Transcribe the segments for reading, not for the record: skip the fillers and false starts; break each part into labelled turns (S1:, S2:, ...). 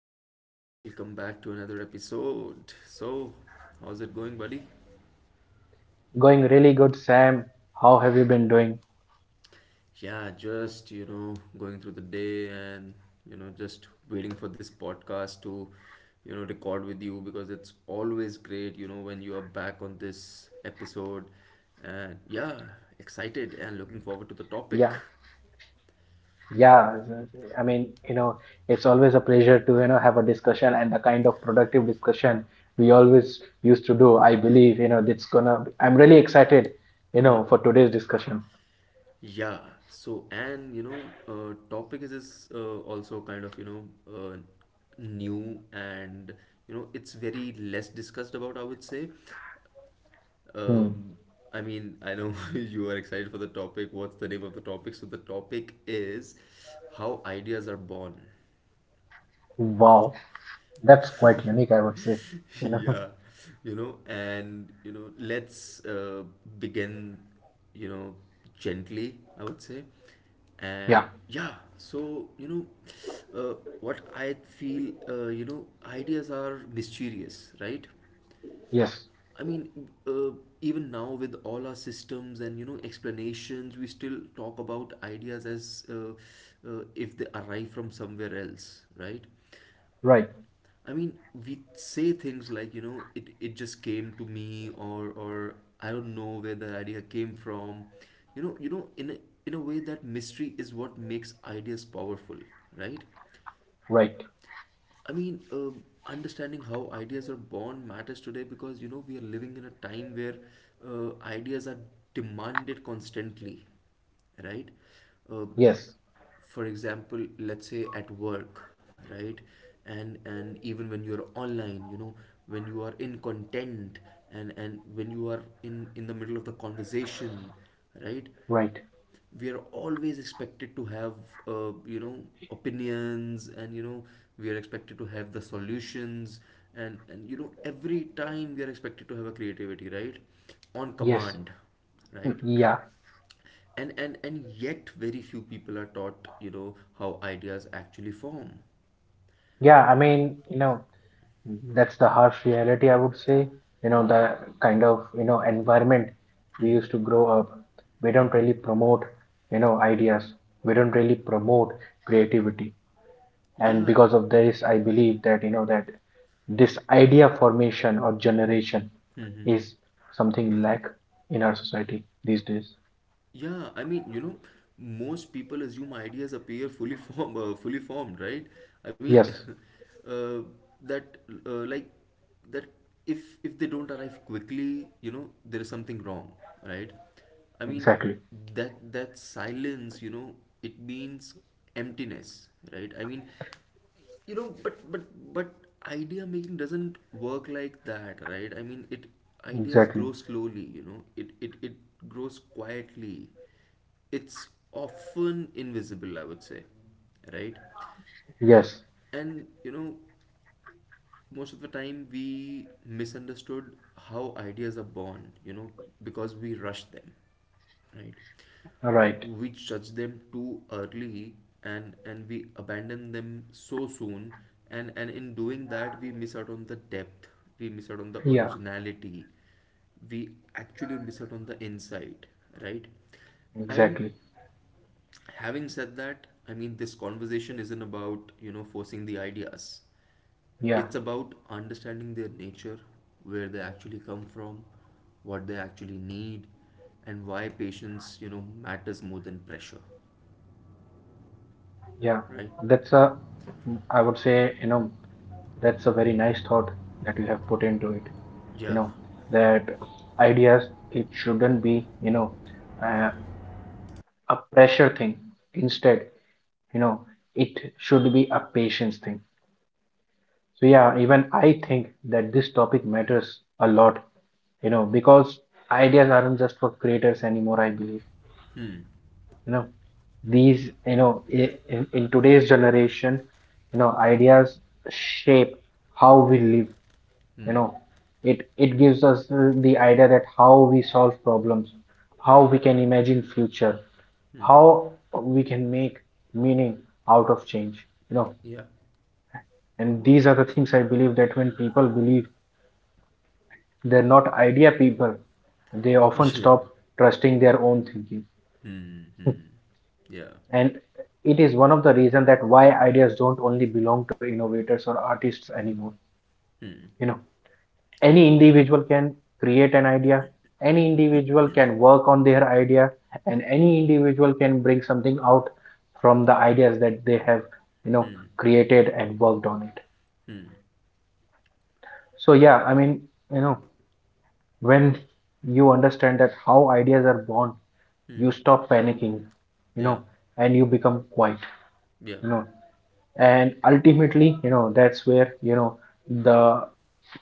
S1: Rick, welcome back to another episode. How's it going, buddy?
S2: Going really good, Sam. How have you been doing?
S1: Yeah, just, you know, going through the day and, you know, just waiting for this podcast to, you know, record with you because it's always great, you know, when you are back on this episode. And yeah, excited and looking forward to the
S2: Yeah,
S1: topic.
S2: yeah. I mean, it's always a pleasure to, have a discussion and the kind of productive discussion we always used to do. I believe, I'm really excited, for today's discussion.
S1: Yeah, so and you know, topic is also kind of new and you know it's very less discussed about, I would say.
S2: Hmm.
S1: Um, I mean, I know you are excited for the topic. What's the name of the topic? So the topic is how ideas are born.
S2: Wow. That's quite unique, I would say. You know,
S1: Yeah, you know and you know let's begin, you know, gently, I would say.
S2: yeah,
S1: And yeah, so you know what I feel, you know, ideas are mysterious, right?
S2: yes,
S1: I mean uh, even now with all our systems and, you know, explanations, we still talk about ideas as if they arrive from somewhere else, right?
S2: right,
S1: I mean, we say things like, you know, it just came to me, or I don't know where the idea came from. You know, in a way, that mystery is what makes ideas powerful, right?
S2: right,
S1: I mean, um, understanding how ideas are born matters today because you know we are living in a time where ideas are demanded constantly, right? Uh,
S2: yes,
S1: for example, let's say at work, right? And even when you're online, you know, when you are in content and when you are in the middle of the conversation, right?
S2: right,
S1: We are always expected to have you know opinions, and you know we are expected to have the solutions, and you know every time we are expected to have a creativity, right? On
S2: yes.
S1: command,
S2: Hmm.
S1: right?
S2: Yeah,
S1: And yet very few people are taught, you know, how ideas actually form.
S2: yeah I mean, that's the harsh reality, I would say. The kind of, environment we used
S1: Hmm.
S2: to grow up. We don't
S1: Hmm.
S2: really promote, ideas. We don't really promote creativity. And
S1: Yeah.
S2: because of this, I believe that, that this idea formation or generation
S1: Hmm.
S2: is something lack in our society these days.
S1: Yeah, I mean, you know, most people assume ideas appear fully form, fully formed, right? I mean,
S2: Yes,
S1: uh, that like that if they don't arrive quickly, you know, there is something wrong, right? I mean,
S2: exactly.
S1: that silence, you know, it means emptiness, right? I mean, you know, but idea making doesn't work like that, right? I mean, it ideas grow
S2: Exactly.
S1: slowly, you know, it grows quietly, it's often invisible, I would say, right?
S2: Yes.
S1: And you know most of the time we misunderstood how ideas are born, you know, because we rush them, right?
S2: Right.
S1: We judge them too early, and we abandon them so soon, and in doing that we miss out on the depth, we miss out on the
S2: Yeah,
S1: originality, we actually miss out on the insight, right? And
S2: exactly.
S1: having said that, I mean, this conversation isn't about you know forcing the ideas,
S2: Yeah,
S1: it's about understanding their nature, where they actually come from, what they actually need, and why patience, you know, matters more than pressure,
S2: yeah.
S1: right?
S2: That's a, I would say, that's a very nice thought that you have put into it. You
S1: Yeah.
S2: know, that ideas, it shouldn't be, uh, a pressure thing. Instead, you know, it should be a patience thing. So, yeah, even I think that this topic matters a lot, because ideas aren't just for creators anymore, I believe.
S1: Hmm.
S2: You know these you know I- in today's generation, ideas shape how we live. you know
S1: Hmm.
S2: it it gives us the idea that how we solve problems, how we can imagine future,
S1: Hmm.
S2: how we can make meaning out of change. you know
S1: Yeah.
S2: and these are the things I believe that when people believe they're not idea people, they often
S1: Yeah.
S2: stop trusting their own thinking,
S1: Hmm. Hmm. Yeah.
S2: and it is one of the reasons that why ideas don't only belong to innovators or artists anymore. you know
S1: Hmm.
S2: any individual can create an idea, any individual can work on their idea, and any individual can bring something out from the ideas that they have, you know
S1: Hmm.
S2: created and worked on it.
S1: Hmm.
S2: So yeah, I mean, you know when you understand that how ideas are born, you
S1: Hmm.
S2: stop panicking. you know
S1: Yeah.
S2: and you become quiet.
S1: Yeah.
S2: you know and ultimately, that's where, the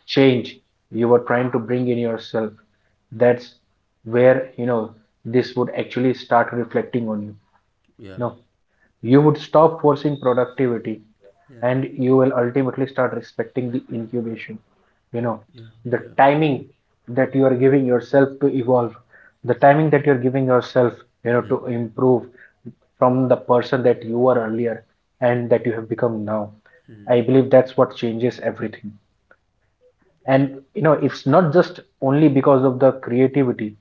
S2: change you were trying to bring in yourself, that's where, this would actually start reflecting on you.
S1: Yeah.
S2: Now you would stop forcing productivity,
S1: Yeah.
S2: and you will ultimately start respecting the incubation. You know,
S1: Yeah.
S2: the
S1: Yeah.
S2: timing that you are giving yourself to evolve, the timing that you're giving yourself,
S1: Hmm.
S2: to improve from the person that you were earlier and that you have become now.
S1: Hmm.
S2: I believe that's what changes everything.
S1: Yeah.
S2: And it's not just only because of the creativity,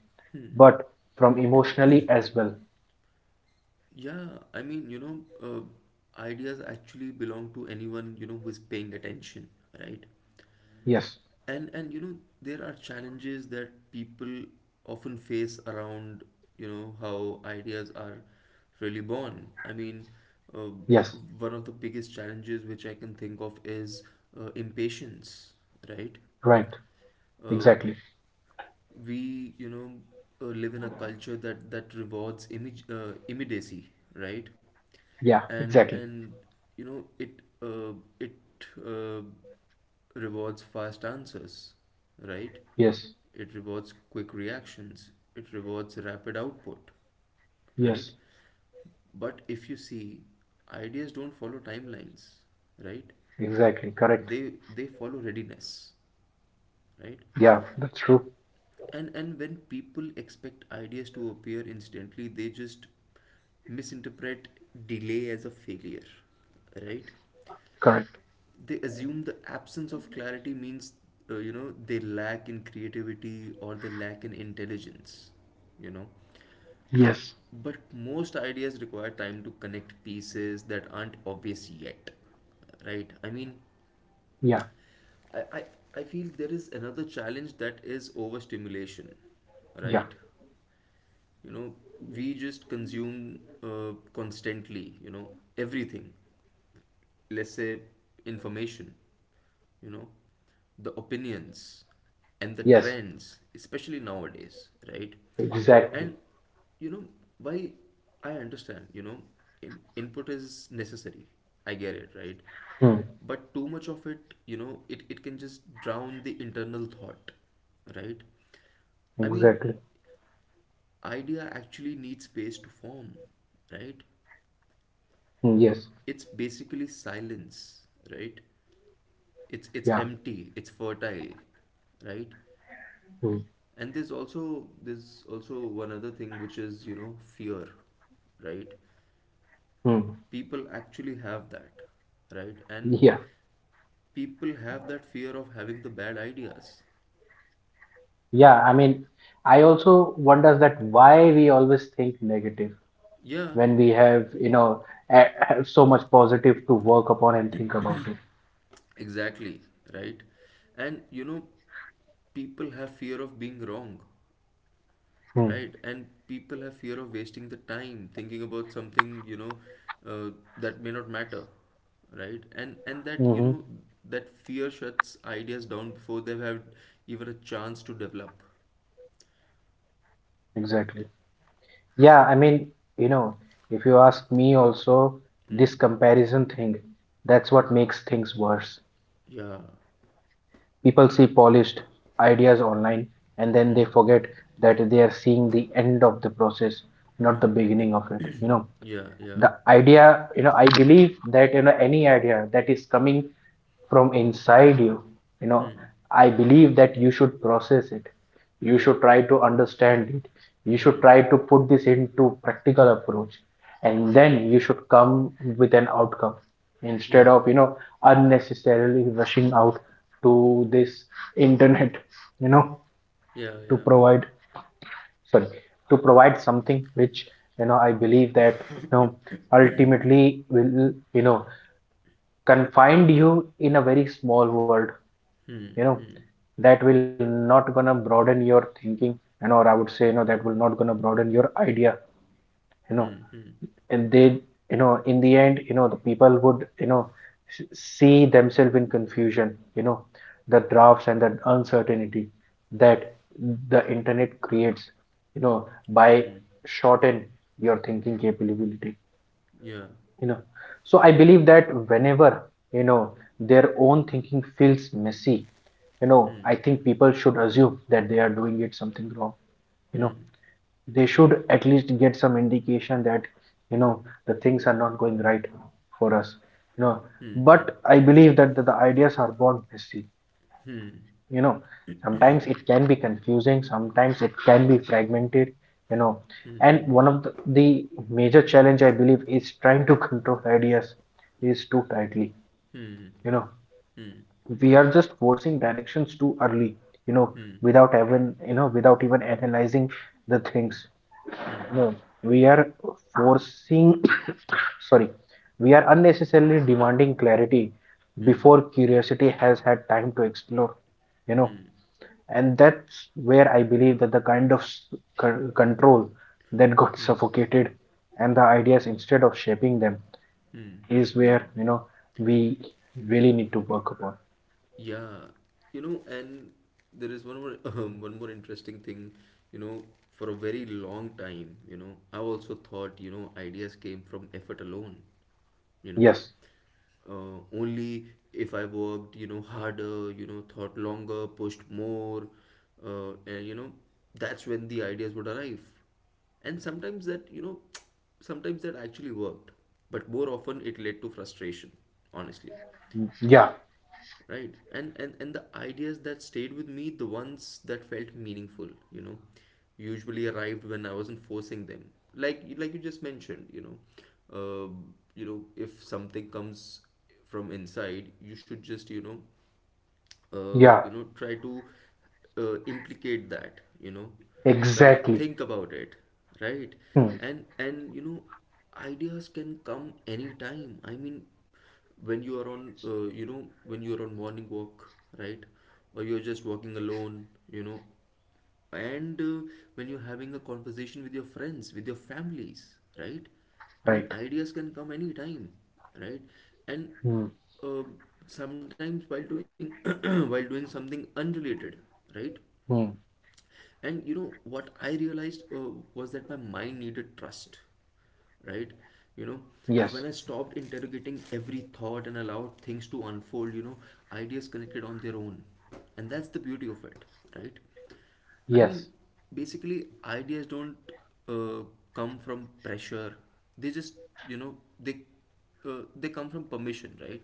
S2: but from emotionally as well.
S1: Yeah, I mean, you know, ideas actually belong to anyone, you know, who is paying attention, right?
S2: Yes,
S1: And you know, there are challenges that people often face around, you know, how ideas are really born. I mean, uh,
S2: yes,
S1: one of the biggest challenges which I can think of is impatience, right?
S2: right,
S1: Uh,
S2: exactly.
S1: we you know live in a culture that rewards image immediacy, right?
S2: Yeah,
S1: and
S2: exactly.
S1: and you know it uh, rewards fast answers, right?
S2: Yes.
S1: It rewards quick reactions, it rewards rapid output, right?
S2: Yes.
S1: But if you see, ideas don't follow timelines, right?
S2: Exactly. Correct.
S1: They follow readiness, right?
S2: Yeah. That's true.
S1: And when people expect ideas to appear instantly, they just misinterpret delay as a failure, right?
S2: Correct.
S1: They assume the absence of clarity means you know they lack in creativity or they lack in intelligence, you know.
S2: Yes.
S1: But most ideas require time to connect pieces that aren't obvious yet, right? I mean,
S2: Yeah.
S1: i i, I feel there is another challenge that is overstimulation,
S2: Yeah.
S1: right? You know, we just consume constantly, you know, everything. Let's say information, you know, the opinions, and the
S2: Yes.
S1: trends, especially nowadays, right?
S2: Exactly.
S1: And, you know, why I understand, you know, input is necessary, I get it, right?
S2: Hmm.
S1: But too much of it, you know, it can just drown the internal thought, right? I mean,
S2: Exactly.
S1: idea actually needs space to form, right?
S2: Hmm. Yes.
S1: It's basically silence, right? It's
S2: Yeah.
S1: empty, it's fertile, right?
S2: Hmm.
S1: And there's also one other thing which is you know fear, right?
S2: Hmm.
S1: People actually have that, right? And
S2: Yeah.
S1: people have that fear of having the bad ideas.
S2: Yeah. I mean, I also wonders that why we always think negative
S1: Yeah,
S2: when we have, have so much positive to work upon and think about it.
S1: exactly, right? And you know people have fear of being wrong.
S2: Hmm.
S1: Right, and people have fear of wasting the time thinking about something, you know, uh, that may not matter, right? And that, you
S2: Mm-hmm.
S1: know, that fear shuts ideas down before they've had even a chance to develop.
S2: Exactly. Yeah, I mean, you know, if you ask me also,
S1: Hmm.
S2: this comparison thing, that's what makes things worse.
S1: Yeah.
S2: People see polished ideas online and then
S1: Hmm.
S2: they forget that they are seeing the end of the process, not the beginning of it, you know
S1: Yeah, yeah.
S2: the Idea you know I believe that, any idea that is coming from inside you, you know
S1: Hmm.
S2: I believe that you should process it, you
S1: Yeah.
S2: should try to understand it, you
S1: Hmm.
S2: should
S1: Hmm.
S2: try to put this into practical approach,
S1: Hmm.
S2: and then you should come with an outcome,
S1: Yeah.
S2: instead of, unnecessarily rushing out to this internet, you know
S1: Yeah, yeah.
S2: to provide sorry to provide something which, I believe that, ultimately will, confine you in a very small world. you
S1: Hmm.
S2: know
S1: Hmm.
S2: that will not gonna broaden your thinking. Or I would say, that will not gonna broaden your idea.
S1: Hmm.
S2: you
S1: Hmm.
S2: know and they you know in the end, the people would, see themselves in confusion. The drafts and the uncertainty that the internet creates, by
S1: Hmm.
S2: shorten your thinking capability.
S1: Yeah.
S2: you know so I believe that whenever, you know their own thinking feels messy,
S1: Hmm.
S2: I think people should assume that they are doing it something wrong. you know
S1: Hmm.
S2: they should at least get some indication that, you know the things are not going right for us. you know
S1: Hmm.
S2: but I believe that the ideas are born messy.
S1: Hmm. Hmm.
S2: you know sometimes it can be confusing, sometimes it can be fragmented. you know
S1: Hmm. Hmm.
S2: and one of the major challenge I believe is trying to control ideas is too tightly.
S1: Hmm.
S2: you know
S1: Hmm.
S2: we are just forcing directions too early, you know
S1: Hmm.
S2: without even analyzing the things.
S1: Hmm.
S2: No, we are forcing sorry we are unnecessarily demanding clarity
S1: 嗯
S2: before curiosity has had time to explore. you know
S1: 嗯
S2: and that's where I believe that the kind of control that got
S1: 嗯
S2: suffocated and the ideas instead of shaping them,
S1: 嗯
S2: is where, we really need to work upon.
S1: Yeah, you know, and there is one more one more interesting thing, you know, for a very long time, you know, I also thought, you know, ideas came from effort alone, you know.
S2: Yes,
S1: Only if I worked, you know, harder, you know, thought longer, pushed more, and you know, that's when the ideas would arrive. And sometimes that, you know, sometimes that actually worked, but more often it led to frustration, honestly,
S2: yeah,
S1: right? And the ideas that stayed with me, the ones that felt meaningful, you know, usually arrived when I wasn't forcing them, like you just mentioned, you know. Uh, you know, if something comes from inside, you should just, you know,
S2: yeah,
S1: you know, try to implicate that, you know, try to
S2: exactly.
S1: think about it, right?
S2: Hmm.
S1: And you know ideas can come anytime. I mean, when you are on you know, when you are on morning walk, right? Or you're just walking alone, you know. And when you're having a conversation with your friends, with your families, right? I mean,
S2: Right.
S1: ideas can come anytime, right? And
S2: Hmm.
S1: uh, sometimes while doing while doing something unrelated, right?
S2: Hmm.
S1: And you know what I realized, was that my mind needed trust, right? You know,
S2: Yes,
S1: when I stopped interrogating every thought and allowed things to unfold, you know, ideas connected on their own. And that's the beauty of it, right? I mean,
S2: yes.
S1: basically, ideas don't uh, come from pressure. They just, you know, they come from permission, right?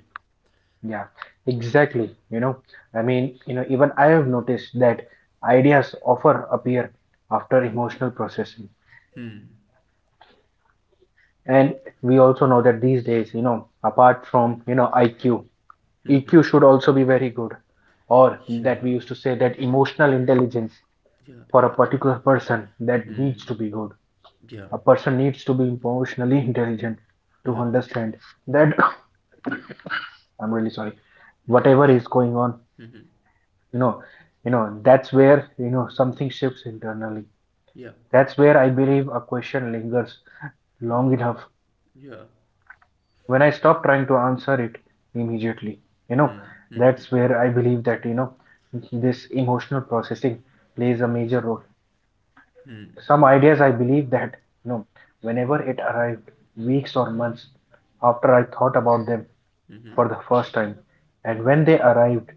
S2: Yeah, exactly. Even I have noticed that ideas often appear after emotional processing.
S1: Hmm.
S2: And we also know that these days, apart from, IQ,
S1: Hmm. Hmm.
S2: EQ should also be very good. Or that we
S1: Yeah.
S2: used to say that emotional intelligence
S1: Yeah.
S2: for a
S1: Yeah.
S2: particular
S1: Yeah.
S2: person that
S1: Hmm.
S2: needs to be good.
S1: Yeah.
S2: A person needs to be emotionally intelligent to
S1: Yeah.
S2: understand that, I'm really sorry,
S1: No
S2: whatever is
S1: worries.
S2: going on,
S1: Mm-hmm.
S2: you know you know that's where, something shifts internally.
S1: Yeah.
S2: That's where I believe a question lingers long
S1: Mm-hmm.
S2: enough,
S1: Yeah.
S2: when I stop trying to answer it immediately. you know
S1: Hmm. Hmm.
S2: that's where I believe that, this emotional processing plays a major role.
S1: Hmm.
S2: Some ideas I believe that, you know whenever it arrived, weeks or months after I thought about them
S1: Hmm.
S2: for the first time, and
S1: Hmm.
S2: when they arrived,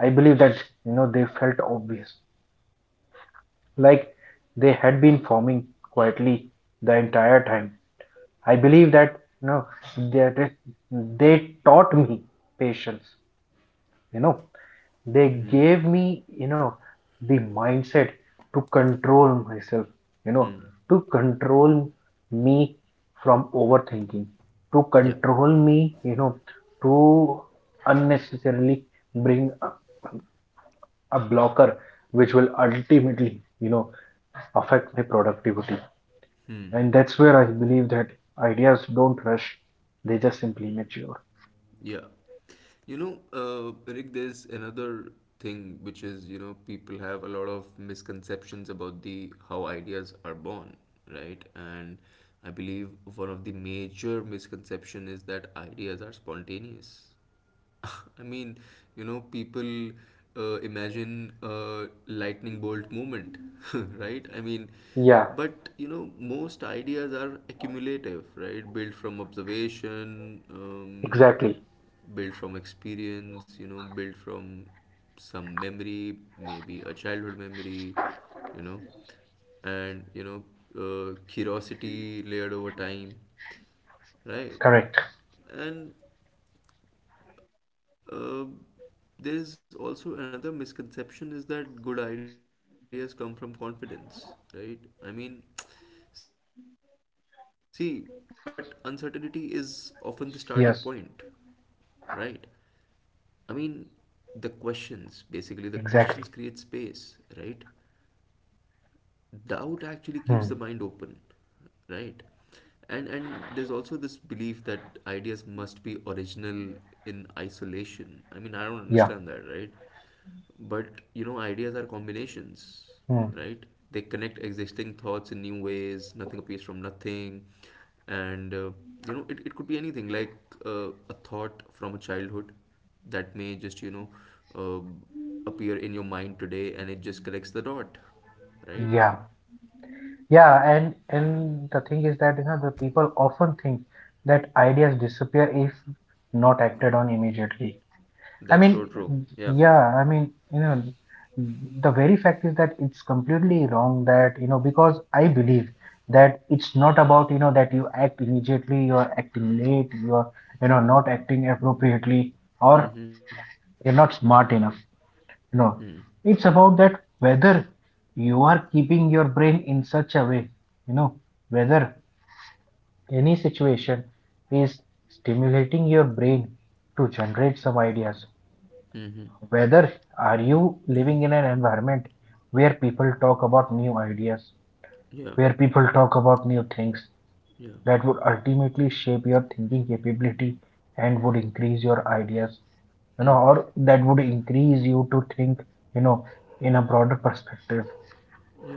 S2: I believe that, they felt obvious, like they had been forming quietly the entire time. I believe that, that they taught me patience. You know, they
S1: Hmm.
S2: gave me, the mindset to control myself. You know,
S1: Hmm.
S2: to control me from overthinking, to
S1: Yeah.
S2: control me. To unnecessarily bring a blocker which will ultimately, affect my productivity. And that's where I believe that ideas don't rush, they just simply mature.
S1: Yeah. You know, Rick, there's another thing which is, you know, people have a lot of misconceptions about the how ideas are born, right? And I believe one of the major misconception is that ideas are spontaneous. I mean, you know, people imagine a lightning bolt moment, right? I mean,
S2: Yeah,
S1: but you know, most ideas are accumulative, right? Built from observation,
S2: exactly.
S1: built from experience, you know, built from some memory, maybe a childhood memory, you know, and you know, curiosity layered over time, right?
S2: Correct.
S1: And uh, there is also another misconception is that good ideas come from confidence, right? I mean, see, but uncertainty is often the starting point, right? I
S2: Yes,
S1: mean, the questions, basically, the questions create space, right?
S2: exactly.
S1: Doubt actually keeps the mind open, right?
S2: Hmm.
S1: And there's also this belief that ideas must be original in isolation. I mean, I don't understand that, right?
S2: Yeah.
S1: But you know, ideas are combinations, right? They connect
S2: Hmm.
S1: existing thoughts in new ways. Nothing appears from nothing, and you know, it could be anything like a thought from a childhood that may just you know uh, appear in your mind today, and it just connects the dot, right?
S2: Yeah. Yeah, and the thing is that, the people often think that ideas disappear if not acted on immediately. I
S1: That's
S2: mean,
S1: so true. Yeah.
S2: yeah, I mean, the very fact is that it's completely wrong that, because I believe that it's not about, that you act immediately, you're acting late, you're not acting appropriately, or
S1: Mm-hmm.
S2: you're not smart enough.
S1: Hmm.
S2: No, it's about that whether you are keeping your brain in such a way, you know, whether any situation is stimulating your brain to generate some ideas,
S1: Mm-hmm.
S2: whether are you living in an environment where people talk about new ideas,
S1: Yeah.
S2: where people talk about new things,
S1: Yeah.
S2: that would ultimately shape your thinking capability and would increase your ideas,
S1: Hmm.
S2: or that would increase you to think, you know in a broader perspective.
S1: Yeah.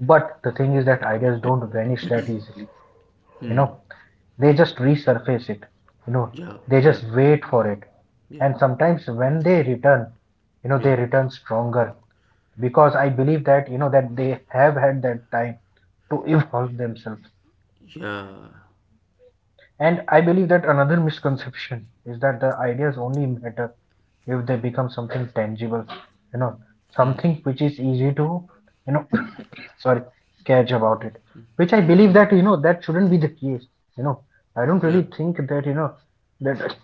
S2: But the thing is that ideas don't vanish that easily. you know they just resurface it. you know
S1: Yeah.
S2: they
S1: Yeah.
S2: just wait for it.
S1: Yeah.
S2: And sometimes when they return,
S1: Yeah.
S2: they return stronger, because I believe that, that they have had that time to evolve themselves.
S1: Yeah.
S2: And I believe that another misconception is that the ideas only matter if they become something tangible, you know,
S1: Hmm.
S2: something which is easy to, you know, sorry, catch about it. Which I believe that, that shouldn't be the case. You know,
S1: Yeah.
S2: I don't really think that, that,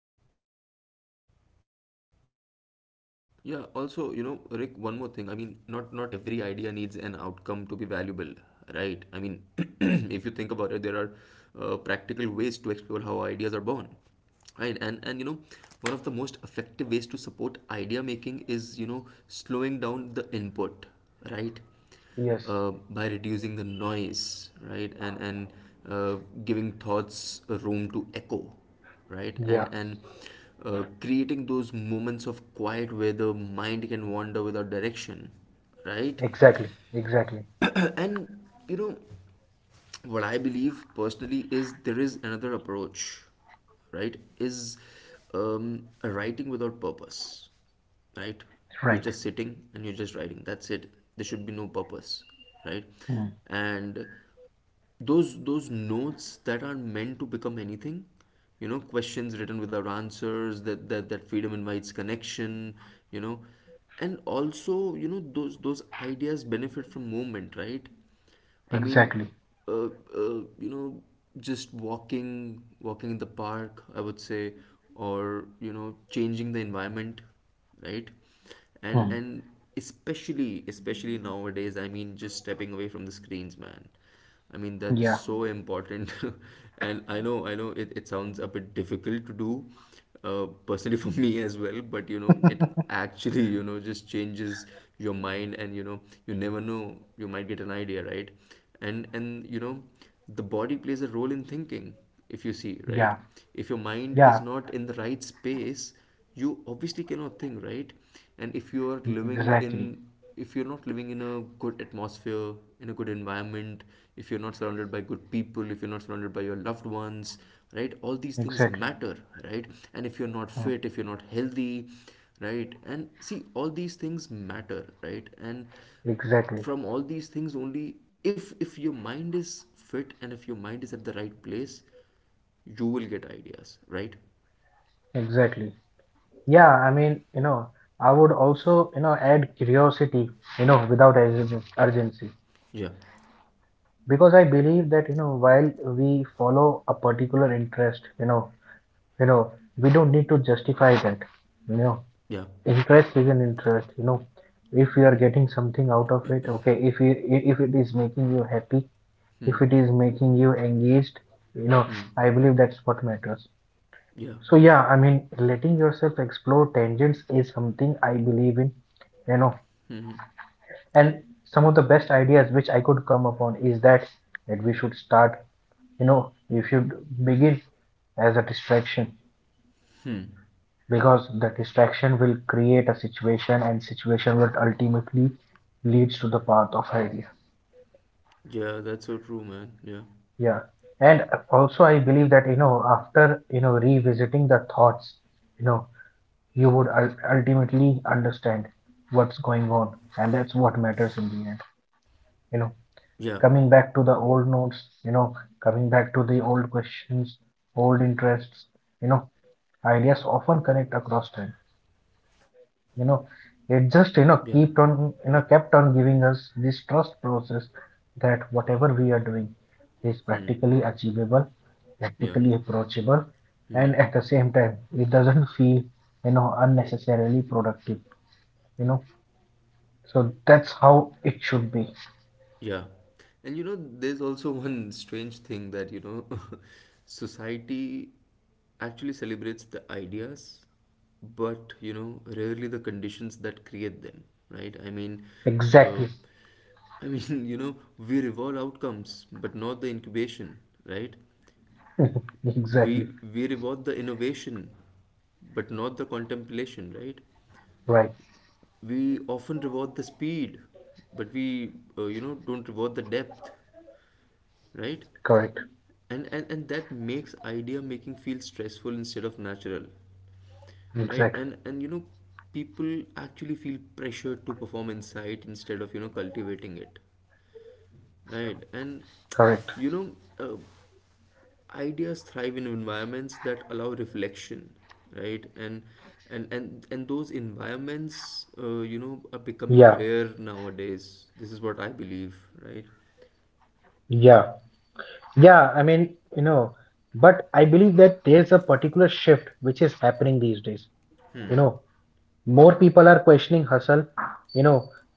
S1: Yeah. Also, you know, Rick, one more thing. I mean, not every idea needs an outcome to be valuable, right? I mean, if you think about it, there are practical ways to explore how ideas are born. Right. And you know, one of the most effective ways to support idea making is, you know, slowing down the input, right?
S2: yes,
S1: By reducing the noise, right? And uh, giving thoughts a room to echo, right? and
S2: yeah,
S1: and creating those moments of quiet where the mind can wander without direction, right?
S2: exactly, exactly,
S1: And you know, what I believe personally is there is another approach, right? Is a writing without purpose, right? You're
S2: right.
S1: just sitting and you're just writing. That's it. There should be no purpose, right?
S2: Hmm.
S1: And those notes that aren't meant to become anything, you know, questions written without answers. That freedom invites connection, you know. And also, you know, those ideas benefit from movement, right? I mean,
S2: Exactly.
S1: you know, just walking, walking in the park, I would say, or you know, changing the environment, right? And
S2: Hmm.
S1: and especially nowadays, I mean, just stepping away from the screens, man. I mean, that's
S2: Yeah,
S1: so important. And I know it, it sounds a bit difficult to do, personally, for me as well, but you know, it actually, you know, just changes your mind, and you know, you never know, you might get an idea, right? And you know, the body plays a role in thinking, if you see,
S2: yeah,
S1: right? If your mind
S2: yeah,
S1: is not in the right space, you obviously cannot think right. And if you are living in,
S2: exactly,
S1: if you're not living in a good atmosphere, in a good environment, if you're not surrounded by good people, if you're not surrounded by your loved ones, right, all these things
S2: exactly.
S1: matter, right? And if you're not
S2: Hmm.
S1: fit, if you're not healthy, right? And see, all these things matter, right? And
S2: Exactly,
S1: from all these things only, if your mind is fit and if your mind is at the right place, you will get ideas, right?
S2: exactly. Yeah, I mean, I would also, add curiosity, without urgency.
S1: Yeah,
S2: Because I believe that, while we follow a particular interest, you know, we don't need to justify that. You know,
S1: yeah.
S2: interest is an interest, If you are getting something out of it, okay, if it is making you happy,
S1: Hmm.
S2: if it is making you engaged, you know,
S1: Hmm.
S2: I believe that's what matters.
S1: Yeah.
S2: So yeah, I mean, letting yourself explore tangents is something I believe in, you know.
S1: Hmm.
S2: And some of the best ideas which I could come upon is that that we should start, we should begin as a distraction,
S1: Hmm.
S2: because the distraction will create a situation and situation will ultimately leads to the path of idea.
S1: Yeah, that's so true, man. Yeah,
S2: Yeah. And also I believe that, you know, after, you know, revisiting the thoughts, you know, you would ultimately understand what's going on, and that's what matters in the end. You
S1: yeah,
S2: know, coming back to the old notes, you know, coming back to the old questions, old
S1: yeah,
S2: interests, you know,
S1: yeah, yeah,
S2: ideas often connect across time.
S1: yeah,
S2: You know, it
S1: yeah.
S2: just, you know, kept on giving us this trust process, that whatever we are doing is
S1: Hmm.
S2: practically achievable,
S1: Yeah.
S2: practically approachable,
S1: Hmm.
S2: and at the same time it doesn't feel, you know, unnecessarily productive, you know. So that's how it should be.
S1: Yeah. And you know, there's also one strange thing that, you know, society actually celebrates the ideas, but, you know, rarely the conditions that create them, right? Uh,
S2: Exactly.
S1: I mean, you know, we reward outcomes, but not the incubation, right?
S2: Exactly.
S1: We reward the innovation, but not the contemplation, right?
S2: Right.
S1: We often reward the speed, but we, you know, don't reward the depth. Right.
S2: Correct.
S1: And that makes idea making feel stressful instead of natural, right?
S2: Exactly.
S1: And you know, people actually feel pressured to perform insight instead of, you know, cultivating it, right? And
S2: Correct.
S1: you know, uh, ideas thrive in environments that allow reflection, right? And those environments, you know, are becoming
S2: Yeah,
S1: rare nowadays. This is what I believe, right?
S2: yeah, yeah. I mean, you know, but I believe that there's a particular shift which is happening these days, you
S1: Hmm.
S2: know. More people are questioning hustle, you know,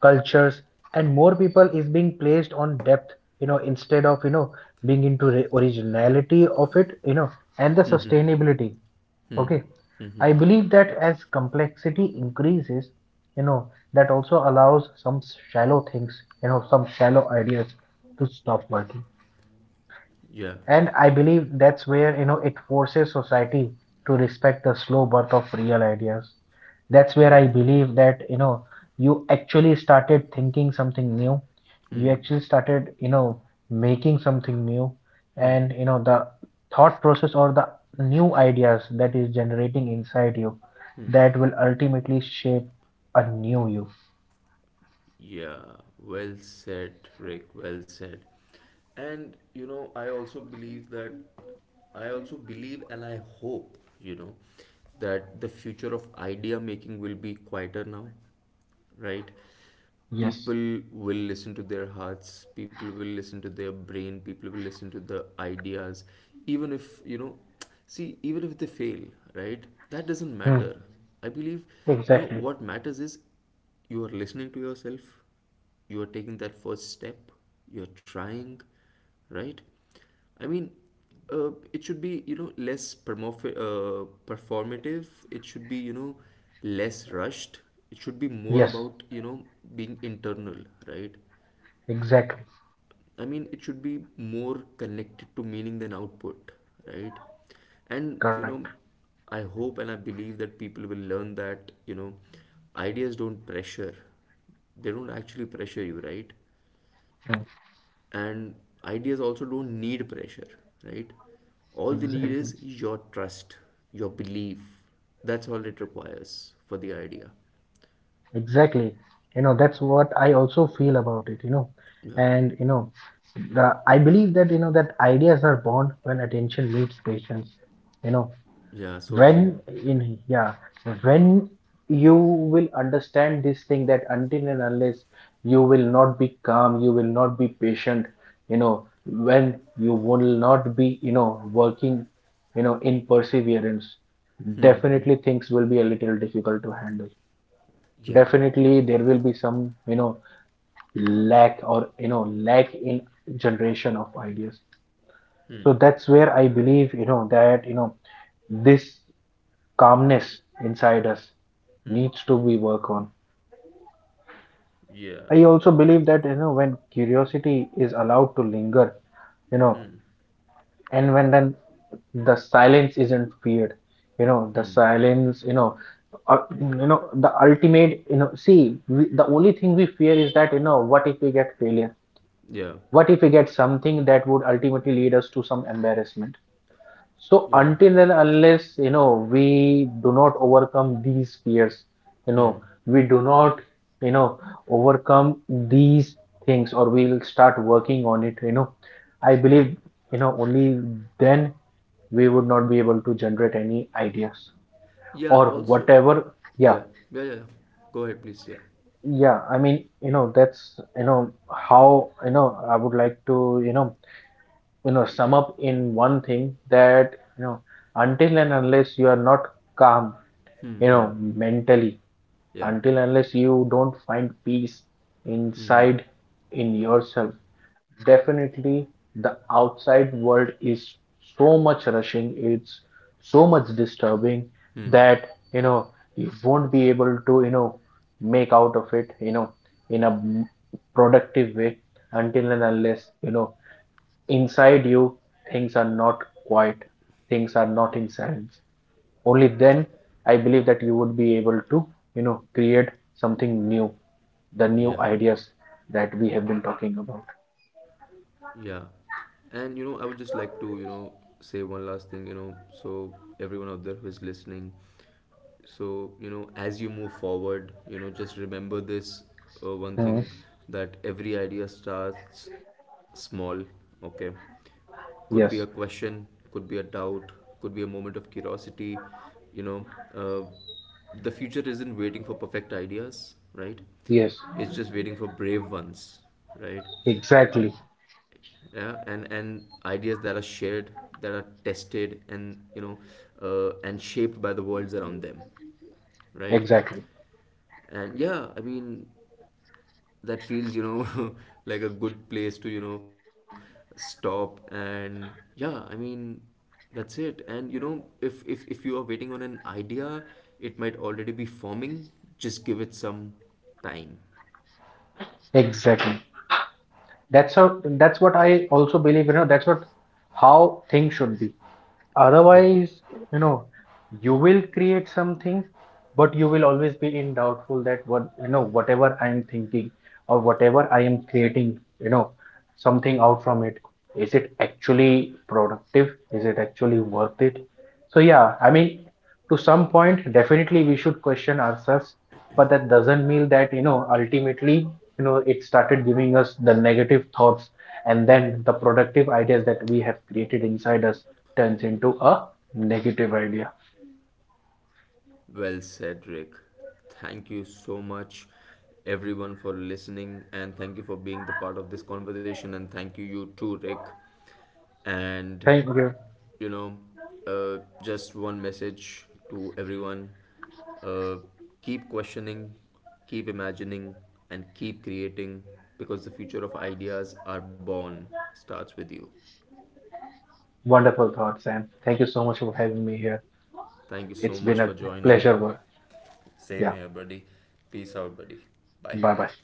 S2: cultures, and more people is being placed on depth, you know, instead of, you know, being into originality of it, you know, and the
S1: Hmm.
S2: sustainability.
S1: Hmm.
S2: Okay,
S1: Hmm.
S2: I believe that as complexity increases, you know, that also allows some shallow things, you know, some shallow ideas, to stop working.
S1: Yeah.
S2: And I believe that's where, you know, it forces society to respect the slow birth of real ideas. That's where
S1: Yeah.
S2: I believe that, you know, you actually started thinking something new. You
S1: Hmm.
S2: actually started, you know, making something new.
S1: Hmm.
S2: And, you know, the thought process, or the new ideas that is generating inside you,
S1: Hmm.
S2: that will ultimately shape a new you.
S1: Yeah, well said, Rick, well said. And you know, I also believe that, I also believe and I hope, you know, that the future of idea making will be quieter now, right?
S2: Yes.
S1: People will listen to their hearts, people will listen to their brain, people will listen to the ideas, even if, you know, see, even if they fail, right? That doesn't
S2: Hmm.
S1: matter. I believe, you know,
S2: Exactly.
S1: what matters is you are listening to yourself, you are taking that first step, you're trying, right? I mean, it should be, you know, less performative, it should be, you know, less rushed, it should be more
S2: Yes.
S1: about, you know, being internal, right?
S2: Exactly.
S1: I mean, it should be more connected to meaning than output, right? And,
S2: Correct.
S1: you know, I hope and I believe that people will learn that, you know, ideas don't pressure. They don't actually pressure you, right?
S2: Hmm.
S1: And ideas also don't need pressure, right? All they need
S2: Exactly.
S1: is your trust, your belief. That's all it requires for the idea.
S2: Exactly. You know, that's what I also feel about it, you know.
S1: Yeah.
S2: And, you know, I believe that, you know, that ideas are born when attention meets patience. You know,
S1: Yeah, so
S2: when
S1: true.
S2: in, yeah, when you will understand this thing, that until and unless you will not be calm, you will not be patient, you know, when you will not be, you know, working, you know, in perseverance, definitely things will be a little difficult to handle.
S1: Yeah.
S2: Definitely there will be some, you know, lack, or, you know, lack in generation of ideas.
S1: Hmm.
S2: So that's where I believe, you know, that, you know, this calmness inside us
S1: Hmm.
S2: needs to be worked on. I
S1: Yeah.
S2: also believe that, you know, when curiosity is allowed to linger, you know,
S1: Hmm.
S2: and when then the silence isn't feared, you know, the
S1: Hmm.
S2: silence, you know, you know, the ultimate, you know, see, we, the only thing we fear is that, you know, what if we get failure,
S1: Yeah,
S2: what if we get something that would ultimately lead us to some embarrassment. So
S1: yeah.
S2: until and unless, you know, we do not overcome these fears, you know,
S1: Hmm.
S2: we do not, you know, overcome these things, or we'll start working on it, you know. I
S1: Yeah,
S2: believe, you know, only then we would not be able to generate any ideas
S1: yeah.
S2: or
S1: Also,
S2: whatever. Yeah,
S1: yeah, yeah, yeah, yeah. Go ahead, please. Yeah.
S2: yeah, I mean, you know, that's, you know, how, you know, I would like to, you know, you know, sum up in one thing, that, you know, until and unless you are not calm,
S1: Hmm,
S2: you
S1: hmm,
S2: know, mentally,
S1: yeah,
S2: until unless you don't find peace
S1: hmm, hmm,
S2: inside, in yourself, definitely the outside world is so much rushing, it's so much disturbing,
S1: hmm,
S2: that, you know, you won't be able to, you know, make out of it, you know, in a productive way, until and unless, you know, inside you, things are not quiet, things are not in silence, only then I believe that you would be able to, you know, create something new, the new
S1: yeah,
S2: ideas that we have been talking about.
S1: yeah. And you know, I would just like to, you know, say one last thing. You know, so everyone out there who is listening, so you know, as you move forward, you know, just remember this one thing,
S2: Mhm.
S1: that every idea starts small. Okay, could be a
S2: Yes.
S1: question, could be a doubt, could be a moment of curiosity, you know. uh, the future isn't waiting for perfect ideas, right?
S2: Yes.
S1: It's just waiting for brave ones, right?
S2: Exactly.
S1: Yeah. And ideas that are shared, that are tested and, you know, and shaped by the worlds around them, right?
S2: Exactly.
S1: And yeah, I mean, that feels, you know, like a good place to, you know, stop. And yeah, I mean, that's it. And you know, if if you are waiting on an idea, it might already be forming. Just give it some time.
S2: Exactly. That's how, that's what I also believe, you know, that's what, how things should be.
S1: Yeah.
S2: Otherwise, you know, you will create something, but you will always be in doubtful, that what, you know, whatever I am thinking or whatever I am creating, you know, something out from it, is it actually productive? Is it actually worth it? So yeah, I mean, to some point, definitely we should question ourselves, but that doesn't mean that, you know, ultimately, you know, it started giving us the negative thoughts, and then the productive ideas that we have created inside us turns into a negative idea.
S1: Well said, Rick. Thank you so much, everyone, for listening, and thank you for being the part of this conversation. And thank you, you too, Rick. And
S2: Thank you.
S1: you know, just one message to everyone: uh, keep questioning, keep imagining, and keep creating, because the future of
S2: Wonderful thought, Sam. Thank you so much for having me here. It's been a pleasure. Yeah. Bye bye.